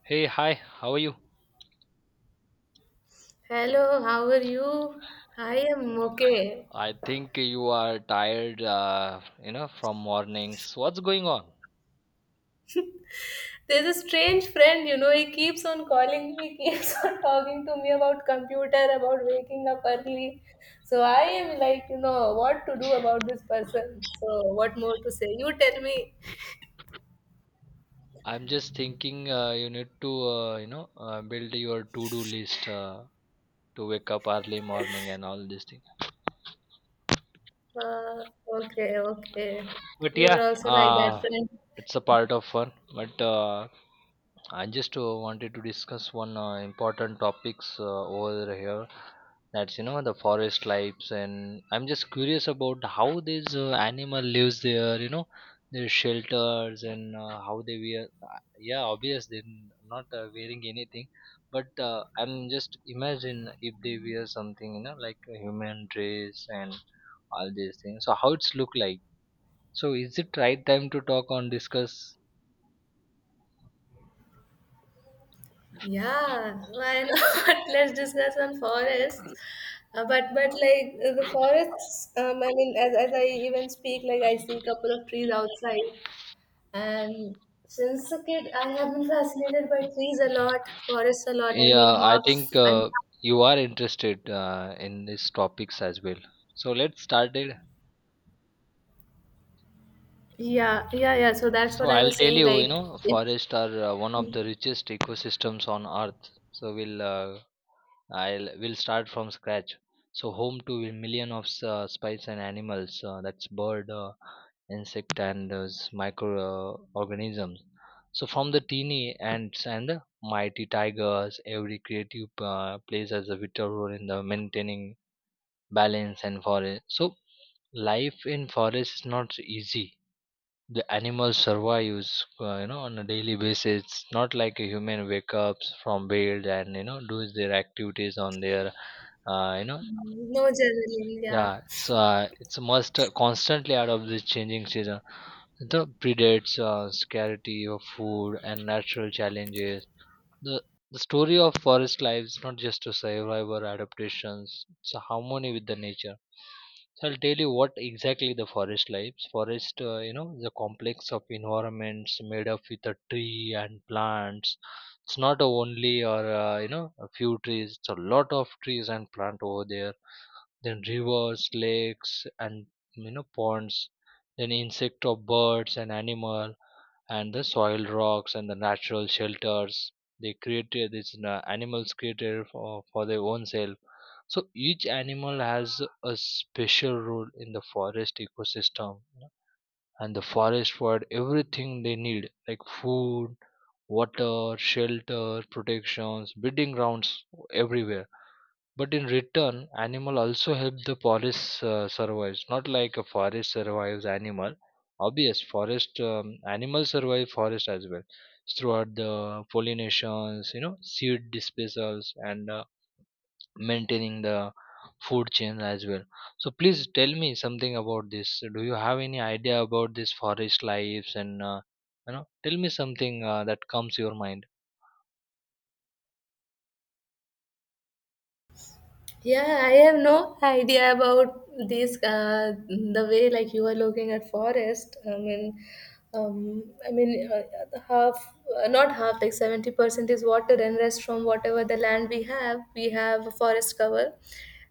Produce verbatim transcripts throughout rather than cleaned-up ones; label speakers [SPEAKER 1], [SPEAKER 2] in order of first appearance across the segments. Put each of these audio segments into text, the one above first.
[SPEAKER 1] Hey, hi, how are you?
[SPEAKER 2] Hello, how are you? I am okay.
[SPEAKER 1] I think you are tired, uh, you know, from mornings. What's going on?
[SPEAKER 2] There's a strange friend, you know, he keeps on calling me, he keeps on talking to me about computer, about waking up early. So I am like, you know, what to do about this person? So what more to say? You tell me.
[SPEAKER 1] I'm just thinking uh, you need to, uh, you know, uh, build your to-do list uh, to wake up early morning and all these things.
[SPEAKER 2] Uh, okay, okay.
[SPEAKER 1] But
[SPEAKER 2] You are
[SPEAKER 1] yeah,
[SPEAKER 2] also like that
[SPEAKER 1] uh,
[SPEAKER 2] friend.
[SPEAKER 1] it's a part of fun. But uh, I just uh, wanted to discuss one uh, important topics uh, over here. That's you know the forest lives, and I'm just curious about how these uh, animal lives there. You know their shelters and uh, how they wear. uh, Yeah, obvious they're n- not uh, wearing anything, but uh, I'm just imagine if they wear something you know like a human dress and all these things. So how it's look like. So is it right time to talk on discuss.
[SPEAKER 2] Yeah, why not? Let's discuss on forests. Uh, but but like uh, the forests, um, I mean, as as I even speak, like I see a couple of trees outside, and since a kid, I have been fascinated by trees a lot, forests a lot. I mean,
[SPEAKER 1] Yeah, I think
[SPEAKER 2] half. I'm.
[SPEAKER 1] uh, you are interested uh, in these topics as well. So let's start it.
[SPEAKER 2] Yeah yeah yeah. So that's
[SPEAKER 1] So
[SPEAKER 2] what I
[SPEAKER 1] I'll
[SPEAKER 2] was
[SPEAKER 1] tell
[SPEAKER 2] saying.
[SPEAKER 1] you, you
[SPEAKER 2] Like,
[SPEAKER 1] know,
[SPEAKER 2] if.
[SPEAKER 1] forests are uh, one of the richest ecosystems on earth. So we'll uh, I'll we'll start from scratch. So home to million of s- uh, spice and animals. Uh, that's bird, uh, insect, and uh, s- micro uh, organisms. So from the teeny ants and the mighty tigers, every creative uh, plays as a vital role in the maintaining balance and forest. So life in forest is not easy. The animals survives uh, you know on a daily basis. It's not like a human wake up from bed and you know does their activities on their uh, you know
[SPEAKER 2] No, generally, yeah.
[SPEAKER 1] yeah. It's uh, it's must uh, constantly out of this changing season, the predates, uh, scarcity of food and natural challenges. the the story of forest life is not just a survivor adaptations, it's a harmony with the nature. So I'll tell you what exactly the forest lives. Forest uh, you know is a complex of environments made up with a tree and plants. It's not a only or uh, you know a few trees, it's a lot of trees and plant over there, then rivers, lakes, and you know ponds, then insect of birds and animal, and the soil, rocks and the natural shelters. They created these, you animals created for, for their own self. So each animal has a special role in the forest ecosystem, you know, and the forest provide everything they need like food, water, shelter, protections, breeding grounds, everywhere. But in return, animal also help the forest uh, survives. Not like a forest survives animal. Obvious, forest um, animals survive forest as well throughout the pollinations, you know, seed dispersals, and uh, maintaining the food chain as well. So please tell me something about this. Do you have any idea about this forest lives and uh, you know? Tell me something uh, that comes to your mind.
[SPEAKER 2] Yeah, I have no idea about this. Uh, the way like you are looking at forest. I mean, um, I mean, uh, the half, uh, not half, like seventy percent is water, and rest from whatever the land we have. We have a forest cover,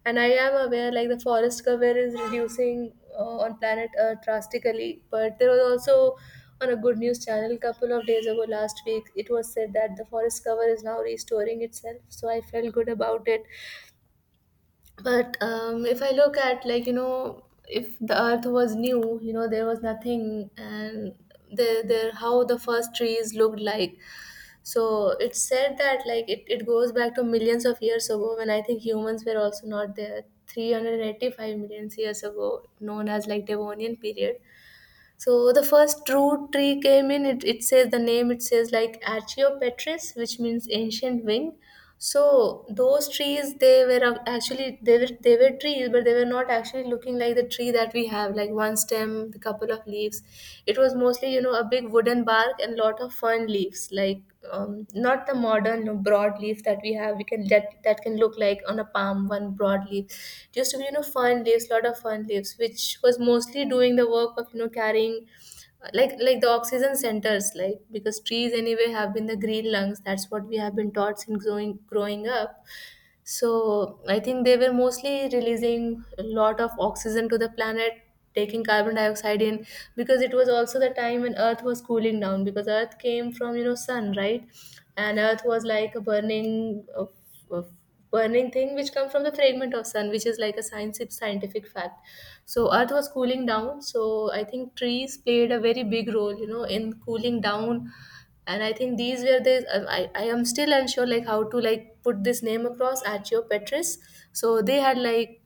[SPEAKER 2] and I am aware like the forest cover is reducing uh, on planet Earth drastically. But there was also, on a good news channel a couple of days ago, last week, it was said that the forest cover is now restoring itself, so I felt good about it. But um, if I look at, like, you know if the earth was new, you know there was nothing, and the, the how the first trees looked like. So it's said that like it, it goes back to millions of years ago, when I think humans were also not there, three hundred eighty-five million years ago, known as like Devonian period. So the first true tree came in, it, it says the name, it says like Archaeopteryx, which means ancient wing. So those trees, they were ac- actually, they were they were trees, but they were not actually looking like the tree that we have, like one stem, the couple of leaves. It was mostly you know a big wooden bark and lot of fern leaves, like, um, not the modern, you know, broad leaf that we have. We can, that that can look like on a palm, one broad leaf. It used to be, you know fern leaves, lot of fern leaves, which was mostly doing the work of, you know carrying, like like the oxygen centers, like, because trees anyway have been the green lungs, that's what we have been taught since growing growing up. So I think they were mostly releasing a lot of oxygen to the planet, taking carbon dioxide in, because it was also the time when Earth was cooling down, because Earth came from, you know sun, right? And Earth was like a burning, a, a burning thing, which comes from the fragment of sun, which is like a science scientific fact. So Earth was cooling down, so I think trees played a very big role, you know, in cooling down. And I think these were the um, I, I am still unsure like how to like put this name across, Accio Petris. So they had like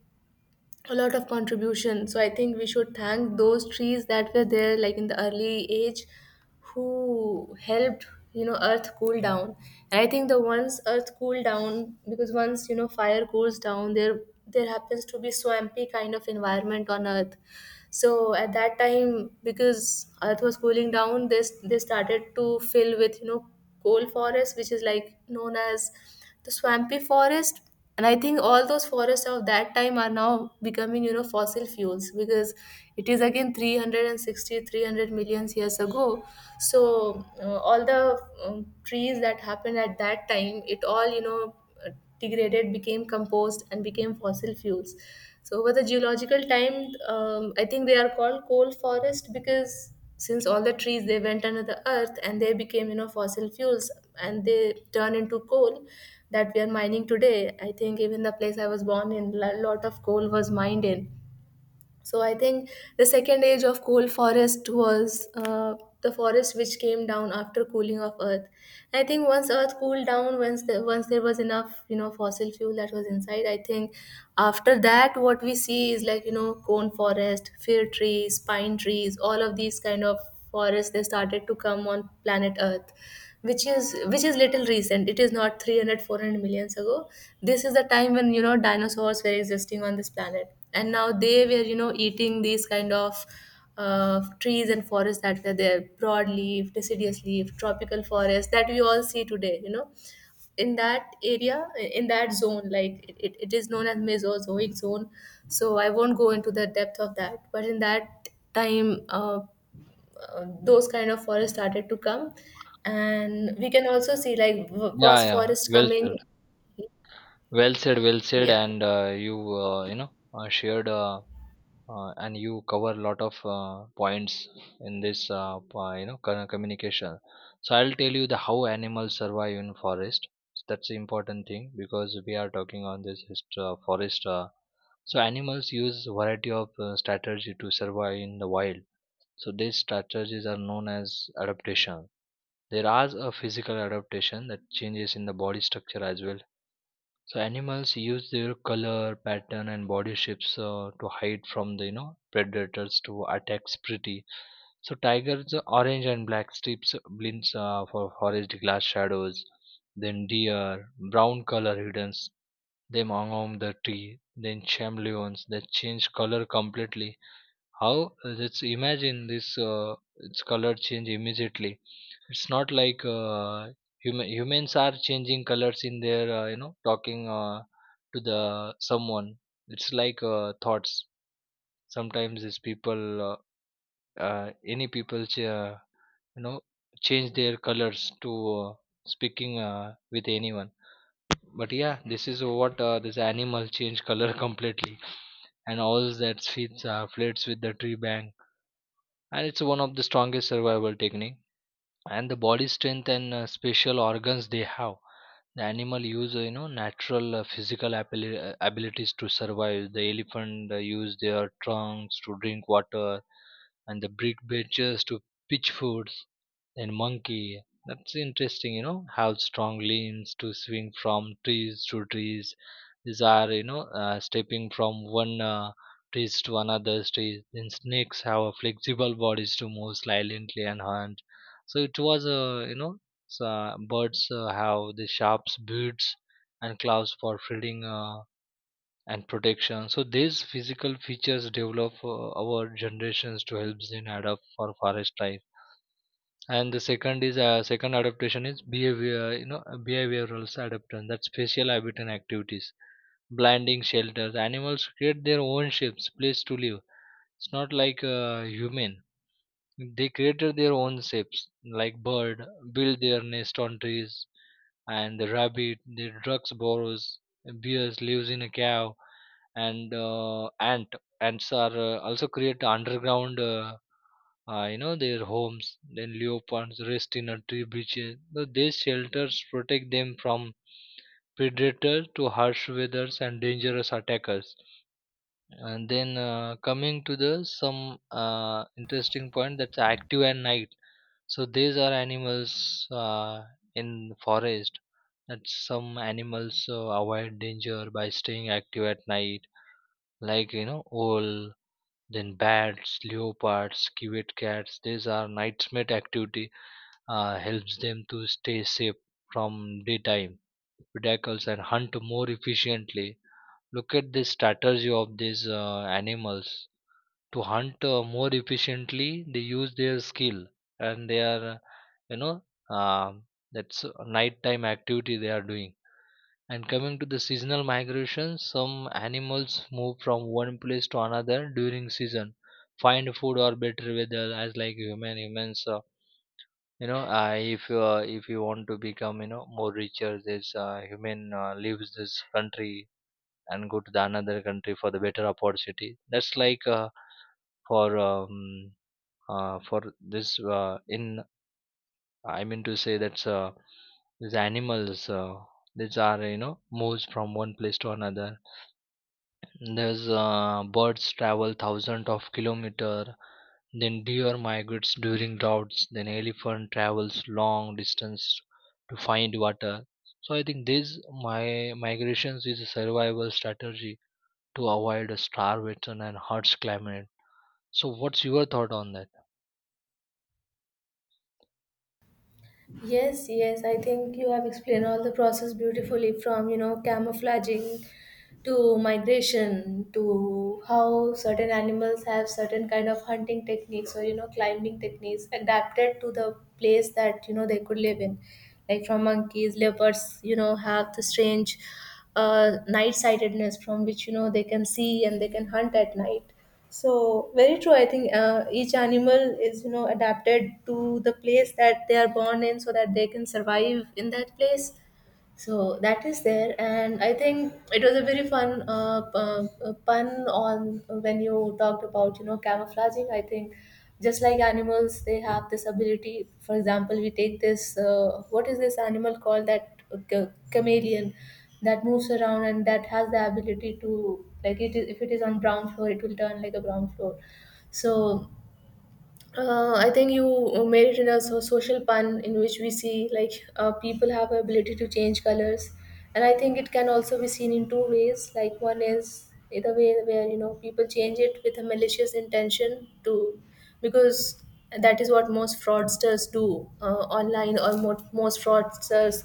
[SPEAKER 2] a lot of contribution, so I think we should thank those trees that were there, like in the early age, who helped you know earth cool down. And I think the, once earth cool down, because once you know fire cools down there, there happens to be swampy kind of environment on earth. So at that time, because earth was cooling down, this, they started to fill with, you know coal forest, which is like known as the swampy forest. And I think all those forests of that time are now becoming, you know fossil fuels, because it is again three hundred sixty years ago. So uh, all the um, trees that happened at that time, it all you know uh, degraded, became compost, and became fossil fuels. So over the geological time, um, I think they are called coal forest, because since all the trees they went under the earth and they became, you know fossil fuels, and they turn into coal that we are mining today. I think even the place I was born in, a lot of coal was mined in. So I think the second age of coal forest was uh, the forest which came down after cooling of Earth. I think once Earth cooled down, once there, once there was enough you know fossil fuel that was inside, I think after that what we see is like, you know cone forest, fir trees, pine trees, all of these kind of forests they started to come on planet earth, which is which is little recent. It is not three hundred, four hundred millions ago. This is the time when you know dinosaurs were existing on this planet, and now they were you know eating these kind of uh, trees and forests that were there, broadleaf deciduous leaf tropical forest that we all see today, you know in that area, in that zone, like it, it it is known as Mesozoic zone. So I won't go into the depth of that, but in that time uh, uh, those kind of forests started to come, and we can also see like w-
[SPEAKER 1] Yeah,
[SPEAKER 2] was
[SPEAKER 1] yeah,
[SPEAKER 2] forest
[SPEAKER 1] well
[SPEAKER 2] coming,
[SPEAKER 1] said. Well said, well said,
[SPEAKER 2] yeah.
[SPEAKER 1] and uh, you uh, you know uh, shared, uh, uh, and you cover a lot of uh, points in this uh, po- you know kind of communication. So I'll tell you the how animals survive in forest. That's the important thing because we are talking on this hist- uh, forest. Uh, so animals use variety of uh, strategy to survive in the wild. So these strategies are known as adaptation. There are a physical adaptation that changes in the body structure as well. So animals use their color, pattern, and body shapes uh, to hide from the you know predators to attack prey. So tigers, uh, orange and black stripes, uh, blints uh, for forest glass shadows. Then deer, brown color hidden them among the tree. Then chameleons that change color completely. How, uh, let's imagine this, uh, its color change immediately. It's not like uh, human, humans are changing colors in their uh, you know talking uh, to the someone. It's like uh, thoughts. Sometimes these people, uh, uh, any people ch- uh, you know change their colors to, uh, speaking uh, with anyone. But yeah, this is what, uh, this animal change color completely and all that fits, uh, flirts with the tree bank, and it's one of the strongest survival technique. And the body strength and uh, special organs they have. The animal use uh, you know natural uh, physical abili- uh, abilities to survive. The elephant uh, use their trunks to drink water and the brick benches to pitch foods. And monkey, that's interesting, you know, have strong limbs to swing from trees to trees. These are you know uh, stepping from one uh, trees to another trees. Then snakes have a flexible bodies to move silently and hunt. So it was a you know, so uh, birds uh, have the sharp beaks and claws for feeding uh, and protection. So these physical features develop uh, our generations to help them adapt for forest life. And the second is, uh, second adaptation is behavior, you know, behavioral adaptation. That's spatial habitat and activities, blending shelters. Animals create their own shapes, place to live. It's not like uh, human, they created their own shapes, like bird, build their nest on trees, and the rabbit, the ducks burrows, bears lives in a cave, and uh, ant ants are uh, also create underground, Uh, uh, you know their homes. Then leopards rest in a tree branches. So these shelters protect them from predators to harsh weathers and dangerous attackers. And then uh, coming to the some uh, interesting point, that's active at night. So these are animals uh, in forest that some animals uh, avoid danger by staying active at night, like you know owl, then bats, leopards, civet cats. These are night's mate activity, uh, helps them to stay safe from daytime predators and hunt more efficiently. Look at the strategy of these uh, animals. To hunt uh, more efficiently, they use their skill and their you know, um that's a nighttime activity they are doing. And coming to the seasonal migration, some animals move from one place to another during season, find food or better weather, as like human humans uh, you know, uh, if uh, if you want to become you know more richer, this uh, human uh, leaves this country and go to the another country for the better opportunity. That's like uh, for um, uh, for this uh, in I mean to say that's uh, these animals, uh, these are you know moves from one place to another. There's uh, birds travel thousands of kilometer, then deer migrates during droughts, then elephant travels long distance to find water. So I think these my migrations is a survival strategy to avoid a starvation and harsh climate. So what's your thought on that?
[SPEAKER 2] Yes, yes, I think you have explained all the process beautifully, from, you know, camouflaging to migration to how certain animals have certain kind of hunting techniques or, you know, climbing techniques adapted to the place that, you know, they could live in. Like from monkeys, leopards, you know, have the strange uh, night sightedness from which, you know, they can see and they can hunt at night, so very true. I think uh, each animal is you know adapted to the place that they are born in, so that they can survive in that place. So that is there, and I think it was a very fun uh, uh, uh, pun on when you talked about you know camouflaging. I think just like animals, they have this ability. For example, we take this, uh, what is this animal called, that uh, ch- chameleon, that moves around and that has the ability to, like, it is, if it is on brown floor, it will turn like a brown floor. So uh, I think you made it in a so- social pun, in which we see like uh, people have ability to change colors, and I think it can also be seen in two ways. Like, one is the way where you know people change it with a malicious intention to, because that is what most fraudsters do uh, online, or mo- most fraudsters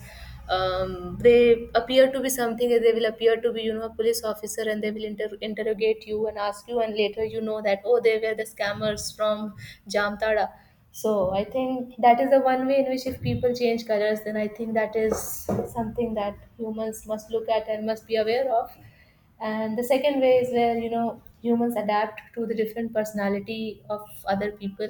[SPEAKER 2] um, they appear to be something, and they will appear to be, you know a police officer, and they will inter- interrogate you and ask you, and later you know that, oh, they were the scammers from Jamtada. So I think that is the one way in which, if people change colors, then I think that is something that humans must look at and must be aware of. And the second way is where you know humans adapt to the different personality of other people.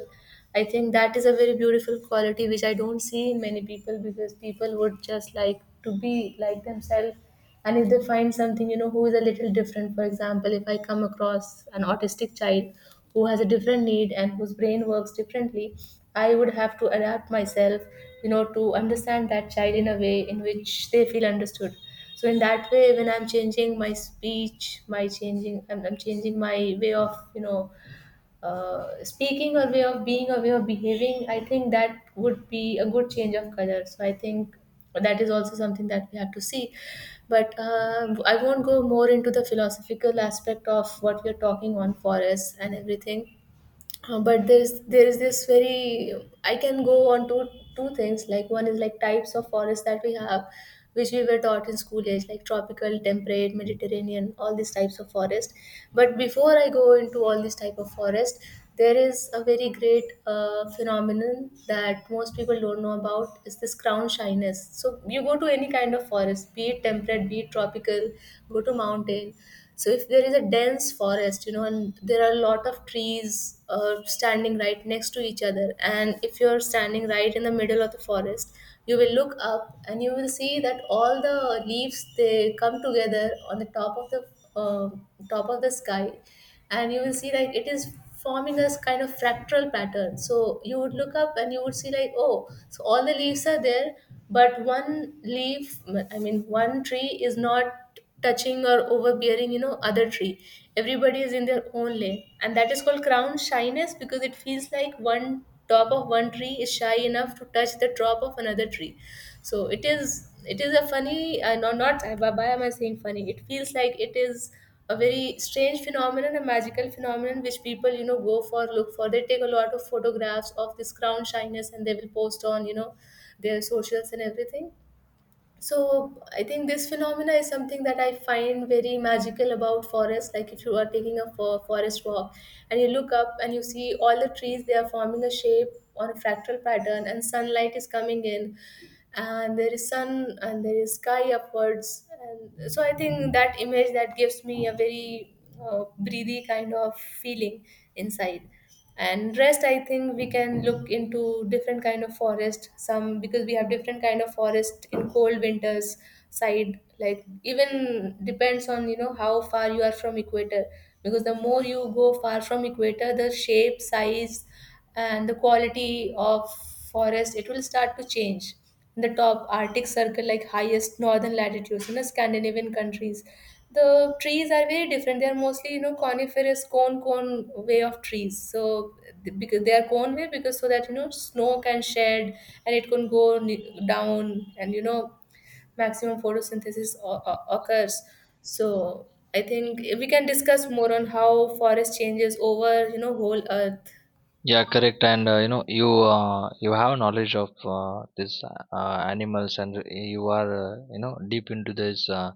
[SPEAKER 2] I think that is a very beautiful quality, which I don't see in many people, because people would just like to be like themselves, and if they find something, you know who is a little different. For example, if I come across an autistic child who has a different need and whose brain works differently, I would have to adapt myself, you know to understand that child in a way in which they feel understood. So in that way, when I'm changing my speech, my changing, i'm, I'm changing my way of, you know uh, speaking, or way of being, or way of behaving, I think that would be a good change of color. So I think that is also something that we have to see. But um, I won't go more into the philosophical aspect of what we are talking on forests and everything. Uh, but there's there is this very, I can go on to two things, like one is like types of forests that we have, which we were taught in school age, like tropical, temperate, mediterranean, all these types of forest. But before I go into all these type of forest, there is a very great uh, phenomenon that most people don't know about, is this crown shyness. So you go to any kind of forest, be it temperate, be it tropical. Go to mountain. So if there is a dense forest, you know and there are a lot of trees uh, standing right next to each other, and if you're standing right in the middle of the forest, you will look up and you will see that all the leaves they come together on the top of the uh, top of the sky, and you will see like it is forming a kind of fractal pattern, so you would look up and you would see like, oh, so all the leaves are there. But one leaf, I mean one tree is not touching or overbearing you know other tree. Everybody is in their own lane, and that is called crown shyness because it feels like one top of one tree is shy enough to touch the top of another tree. So it is it is a funny uh, no, not uh, why why am I saying funny? It feels like it is a very strange phenomenon, a magical phenomenon which people you know go for, look for. They take a lot of photographs of this crown shyness, and they will post on you know their socials and everything. So I think this phenomena is something that I find very magical about forest. Like, if you are taking a for- forest walk, and you look up and you see all the trees, they are forming a shape on a fractal pattern, and sunlight is coming in, and there is sun and there is sky upwards. And so I think that image, that gives me a very uh, breathy kind of feeling inside. And rest, I think we can look into different kind of forest, some, because we have different kind of forest in cold winters side. Like, even depends on you know how far you are from equator. Because the more you go far from equator, the shape, size, and the quality of forest, it will start to change. The top arctic circle, like highest northern latitudes, you know Scandinavian countries, the trees are very different. They are mostly you know coniferous, cone cone way of trees. So th- because they are cone way, because so that you know snow can shed, and it can go n- down, and you know maximum photosynthesis o- o- occurs. So I think we can discuss more on how forest changes over you know whole earth.
[SPEAKER 1] Yeah, correct. And uh, you know, you uh, you have knowledge of uh, this uh, animals, and you are uh, you know deep into this uh,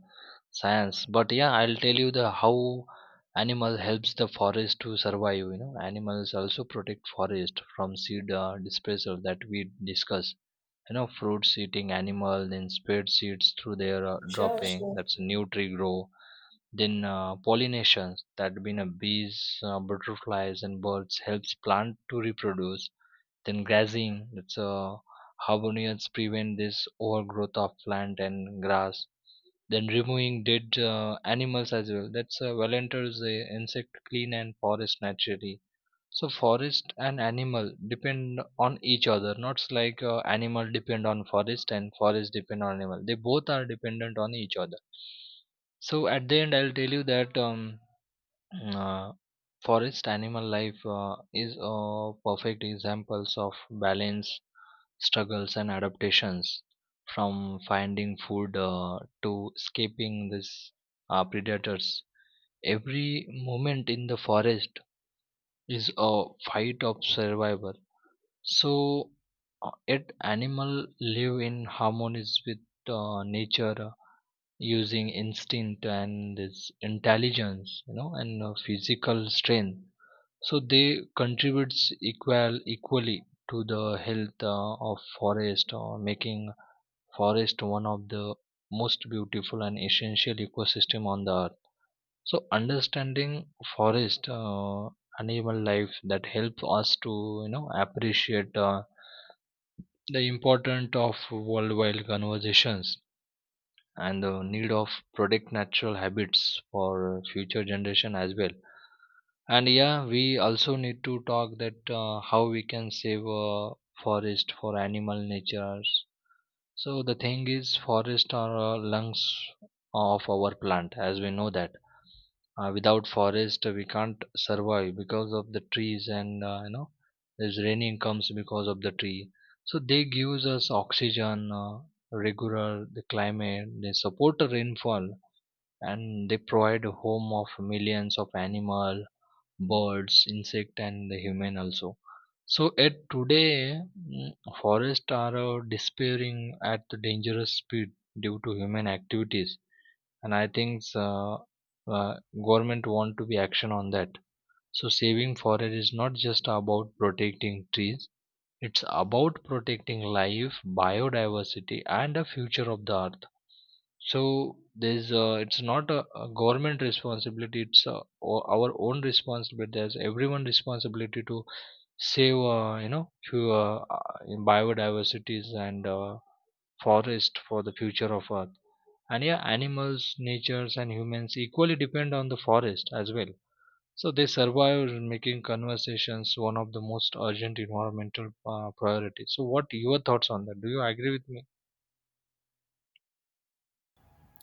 [SPEAKER 1] science. But yeah, I'll tell you the how animal helps the forest to survive. You know, animals also protect forest from seed uh, dispersal that we discuss. You know, fruits eating animal then spread seeds through their uh,
[SPEAKER 2] Sure,
[SPEAKER 1] dropping.
[SPEAKER 2] sure.
[SPEAKER 1] That's a new tree grow, then uh, pollination, that being a bees, uh, butterflies, and birds helps plant to reproduce. Then grazing, that's uh, harmonious, prevent this overgrowth of plant and grass. Then removing dead uh, animals as well. That's uh, volunteers the insect clean and forest naturally. So forest and animal depend on each other. Not s- like, uh, animal depend on forest and forest depend on animal. They both are dependent on each other. So at the end, I'll tell you that, um, uh, forest animal life uh, is uh, perfect examples of balance, struggles, and adaptations, from finding food uh, to escaping these uh, predators. Every moment in the forest is a fight of survival. So, uh, yet animal live in harmonies with uh, nature, uh, using instinct and this intelligence, you know, and uh, physical strength. So they contributes equal equally to the health uh, of forest, uh, making forest one of the most beautiful and essential ecosystem on the earth. So understanding forest. Uh, animal life that helps us to you know appreciate uh, the importance of worldwide conversations and the need of protect natural habits for future generation as well. And yeah, we also need to talk that uh, how we can save uh, forest for animal natures. So the thing is forest are uh, lungs of our plant. As we know that uh, without forest uh, we can't survive because of the trees and, uh, you know there's raining comes because of the tree. So they gives us oxygen, uh, regular the climate, they support the rainfall, and they provide a home of millions of animal, birds, insect, and the human also. So at today mm, forests are uh, disappearing at the dangerous speed due to human activities. And I think, uh, uh, government want to be action on that. So saving forest is not just about protecting trees, it's about protecting life, biodiversity, and the future of the earth. So there's, uh, it's not a, a government responsibility, it's uh, o- our own responsibility. There's everyone responsibility to save, uh, you know few, uh, uh, biodiversities and uh, forest for the future of earth. And yeah, animals, natures, and humans equally depend on the forest as well. So they survive making conversations one of the most urgent environmental uh, priorities. So what your thoughts on that? Do you agree with me?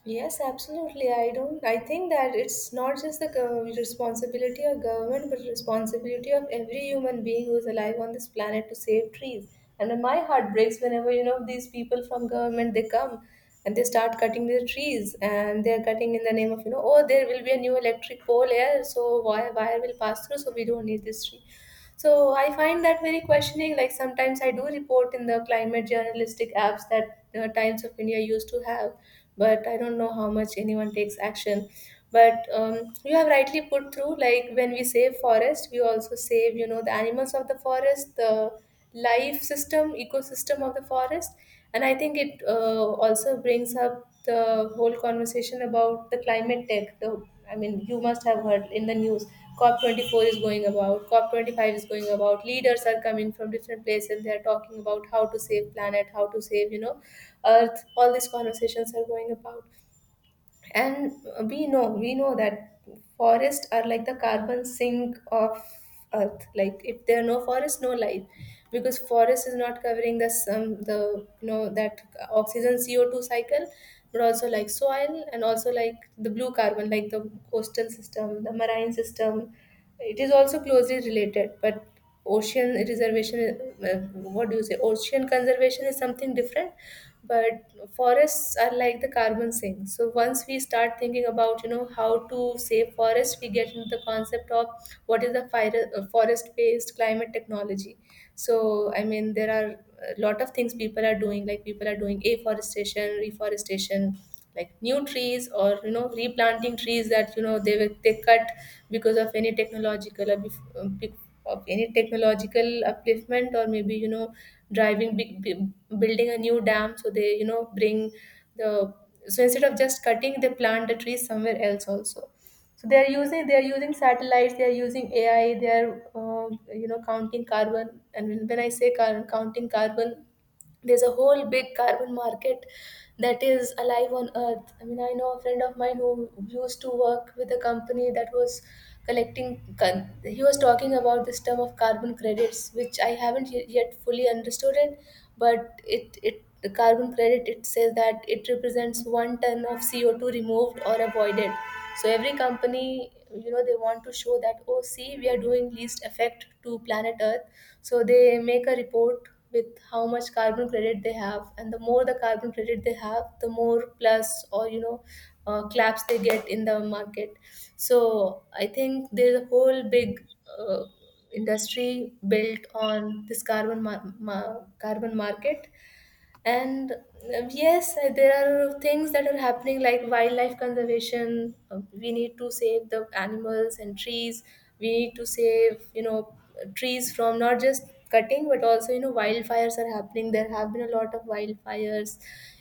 [SPEAKER 2] Yes, absolutely. I don't, I think that it's not just the gov- responsibility of government, but responsibility of every human being who is alive on this planet to save trees. And then my heart breaks whenever, you know, these people from government, they come and they start cutting the trees, and they're cutting in the name of, you know, oh, there will be a new electric pole here, so why wire will pass through, so we don't need this tree. So I find that very questioning. Like, sometimes I do report in the climate journalistic apps that the Times of India used to have, but I don't know how much anyone takes action. But um, you have rightly put through, like, when we save forest, we also save you know the animals of the forest, the life system, ecosystem of the forest. And I think it uh, also brings up the whole conversation about the climate tech, the— I mean, you must have heard in the news. cop twenty-four is going about, cop twenty-five is going about. Leaders are coming from different places. They are talking about how to save planet, how to save you know earth. All these conversations are going about. And we know we know that forests are like the carbon sink of earth. Like, if there are no forests, no life. Because forest is not covering the some the you know that oxygen c o two cycle, but also like soil and also like the blue carbon, like the coastal system, the marine system. It is also closely related. But ocean reservation, uh, what do you say, ocean conservation is something different. But forests are like the carbon sink. So once we start thinking about you know how to save forests, we get into the concept of what is the fire, uh, forest based climate technology. So I mean there are a lot of things people are doing. Like, people are doing afforestation, reforestation, like new trees or you know replanting trees that you know they were they cut because of any technological or bef- uh, be- of any technological upliftment, or maybe you know driving big, big, building a new dam. So they you know bring the. So instead of just cutting, they plant the trees somewhere else also. So they are using they are using satellites, they are using A I, they are uh, you know counting carbon. And when when I say car- counting carbon, there's a whole big carbon market that is alive on earth. I mean, I know a friend of mine who used to work with a company that was collecting con- he was talking about this term of carbon credits, which I haven't ye- yet fully understood it. But it it the carbon credit, it says that it represents one ton of c o two removed or avoided. So every company, you know they want to show that, oh, see, we are doing least effect to planet earth. So they make a report with how much carbon credit they have, and the more the carbon credit they have, the more plus, or you know uh, claps they get in the market. So I think there's a whole big uh, industry built on this carbon mar- ma- carbon market. And um, yes, uh, there are things that are happening, like wildlife conservation. Um, we need to save the animals and trees. We need to save you know trees from not just cutting, but also you know wildfires are happening. There have been a lot of wildfires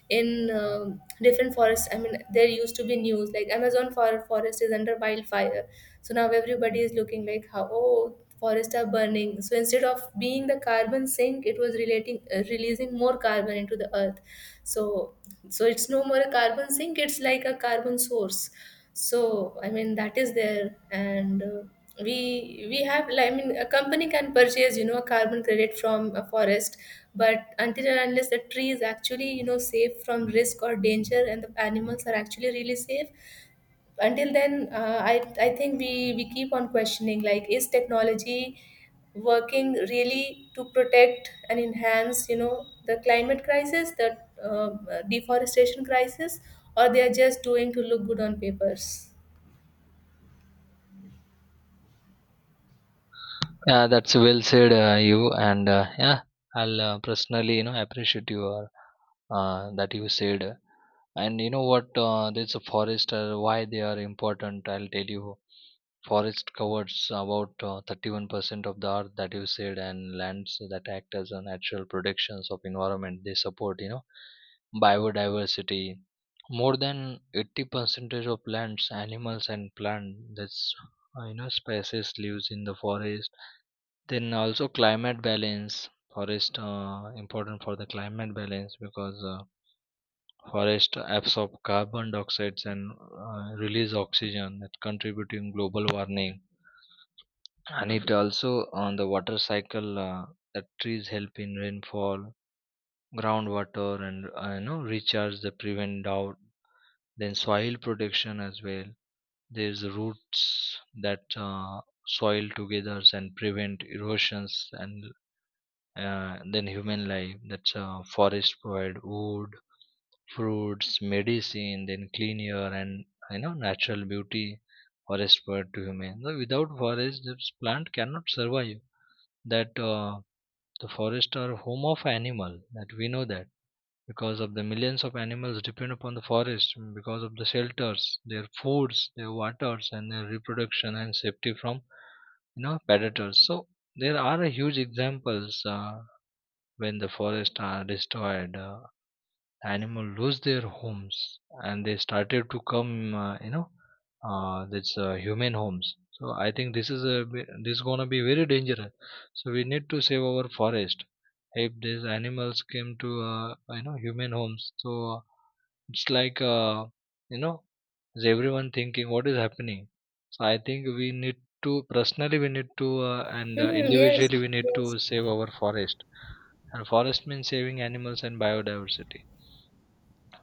[SPEAKER 2] in um different forests. I mean, there used to be news like Amazon for- forest is under wildfire. So now everybody is looking like, how, oh, forests are burning. So instead of being the carbon sink, it was relating uh, releasing more carbon into the earth. So so it's no more a carbon sink. It's like a carbon source. So I mean that is there. And uh, we we have like, I mean a company can purchase you know a carbon credit from a forest. But until and unless the tree is actually you know safe from risk or danger, and the animals are actually really safe, until then, uh, i i think we we keep on questioning, like, is technology working really to protect and enhance, you know the climate crisis, the uh, deforestation crisis? Or they are just doing to look good on papers.
[SPEAKER 1] Yeah, that's well said, uh, you. And uh, yeah, I'll uh, personally you know appreciate your, uh, that you said. And you know what, uh, there's a forest, uh, why they are important, I'll tell you. Forest covers about uh, thirty-one percent of the earth, that you said, and lands that act as a natural protections of environment. They support, you know, biodiversity. More than eighty percent of plants, animals, and plant that's, uh, you know species lives in the forest. Then also climate balance. Forest uh, important for the climate balance because uh, forest absorb carbon dioxide and uh, release oxygen, that contributing global warming. And it also on the water cycle, uh, the trees help in rainfall, groundwater, and, uh, you know recharge the prevent drought. Then soil protection as well. There's roots that uh, soil together and prevent erosions. And uh, then human life, that's uh, forest provide wood, fruits, medicine, then clean air, and you know natural beauty forest provide to human. So without forest this plant cannot survive. That uh, the forests are home of animal, that we know that, because of the millions of animals depend upon the forest, mm, because of the shelters, their foods, their waters, and their reproduction and safety from you know predators. So there are a huge examples, uh, when the forests are destroyed, uh, animal lose their homes and they started to come, uh, you know uh, this uh, human homes. So I think this is a ve- this is gonna be very dangerous. So we need to save our forest if these animals came to, uh, you know human homes. So uh, it's like uh, you know is everyone thinking what is happening? So I think we need to personally we need to uh, and uh,
[SPEAKER 2] Hmm, yes,
[SPEAKER 1] individually we need
[SPEAKER 2] yes.
[SPEAKER 1] to save our forest. And forest means saving animals and biodiversity.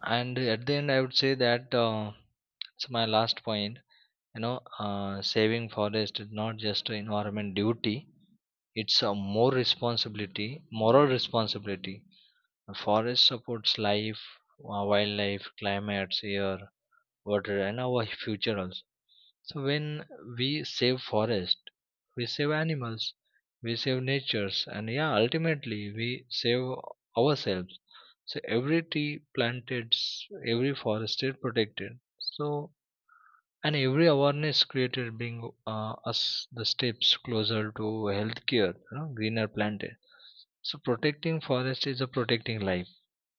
[SPEAKER 1] And at the end I would say that, uh, it's my last point, you know uh, saving forest is not just an environment duty, it's a more responsibility, moral responsibility. Forest supports life, uh, wildlife, climates, air, water, and our future also. So when we save forest, we save animals, we save natures, and yeah, ultimately we save ourselves. So every tree planted, s- every forested protected. So and every awareness created bring uh, us the steps closer to healthcare, you know, greener planet. So protecting forest is a protecting life.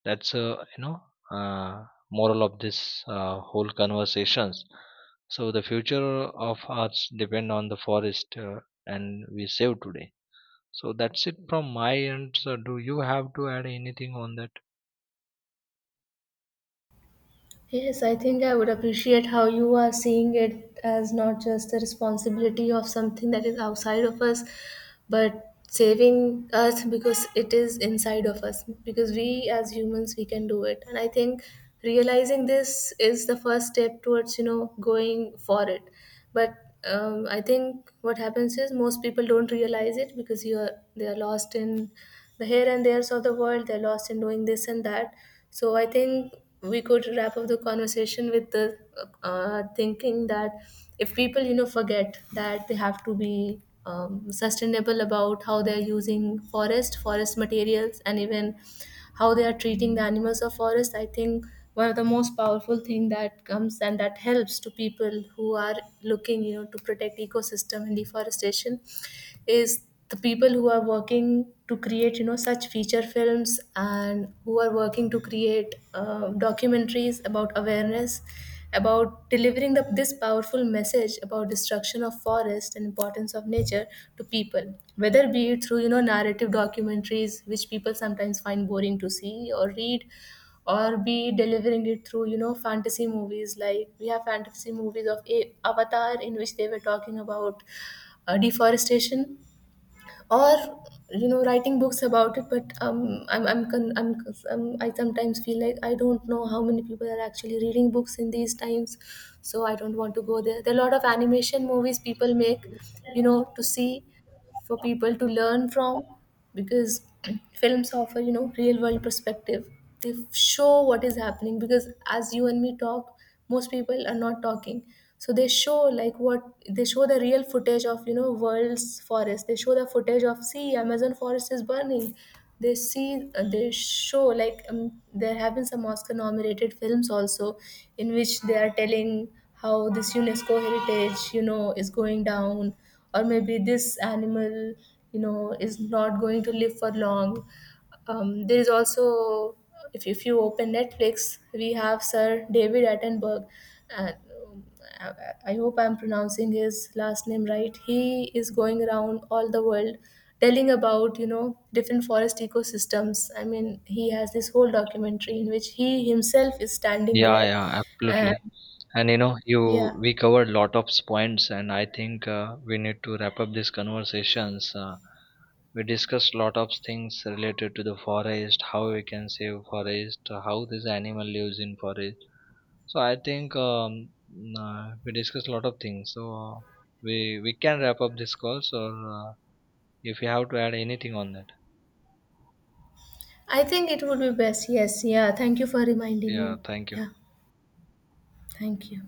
[SPEAKER 1] That's uh, you know uh, moral of this uh, whole conversations. So the future of arts depend on the forest, uh, and we save today. So that's it from my end. So do you have to add anything on that?
[SPEAKER 2] Yes, I think I would appreciate how you are seeing it as not just the responsibility of something that is outside of us, but saving us because it is inside of us. Because we as humans, we can do it. And I think realizing this is the first step towards, you know, going for it. But um, I think what happens is most people don't realize it because you're they are lost in the here and there's of the world. They're lost in doing this and that. So I think we could wrap up the conversation with the uh, thinking that if people you know forget that they have to be um, sustainable about how they are using forest, forest materials, and even how they are treating the animals of forest. I think one of the most powerful thing that comes and that helps to people who are looking you know to protect ecosystem and deforestation is the people who are working to create you know such feature films, and who are working to create uh, documentaries about awareness, about delivering the, this powerful message about destruction of forest and importance of nature to people, whether be it through you know narrative documentaries which people sometimes find boring to see or read, or be delivering it through you know fantasy movies. Like, we have fantasy movies of A- avatar in which they were talking about uh, deforestation, or you know writing books about it. But um, I'm, I'm, con- I'm i'm i sometimes feel like I don't know how many people are actually reading books in these times. So I don't want to go there. There are a lot of animation movies people make you know to see, for people to learn from. Because films offer you know real world perspective. They f- show what is happening. Because as you and me talk, most people are not talking. So they show like what they show the real footage of you know world's forest. They show the footage of, see, Amazon forest is burning. They see uh, they show like, um, there have been some Oscar nominated films also, in which they are telling how this UNESCO heritage, you know is going down, or maybe this animal, you know is not going to live for long. Um, there is also, if, if you open Netflix, we have Sir David Attenborough. And um, I, I hope I'm pronouncing his last name right. He is going around all the world telling about you know different forest ecosystems. I mean, he has this whole documentary in which he himself is standing
[SPEAKER 1] Yeah,
[SPEAKER 2] there.
[SPEAKER 1] yeah,
[SPEAKER 2] And
[SPEAKER 1] absolutely. And you know, you
[SPEAKER 2] yeah,
[SPEAKER 1] we covered lot of points, and I think uh, we need to wrap up these conversations. Uh, we discussed lot of things related to the forest, how we can save forest, how this animal lives in forest. So I think um, uh, we discussed a lot of things. So uh, we we can wrap up this call. So uh, if you have to add anything on that,
[SPEAKER 2] I think it would be best. Yes. Yeah. Thank you for reminding
[SPEAKER 1] yeah,
[SPEAKER 2] me.
[SPEAKER 1] thank you.
[SPEAKER 2] Yeah. Thank you.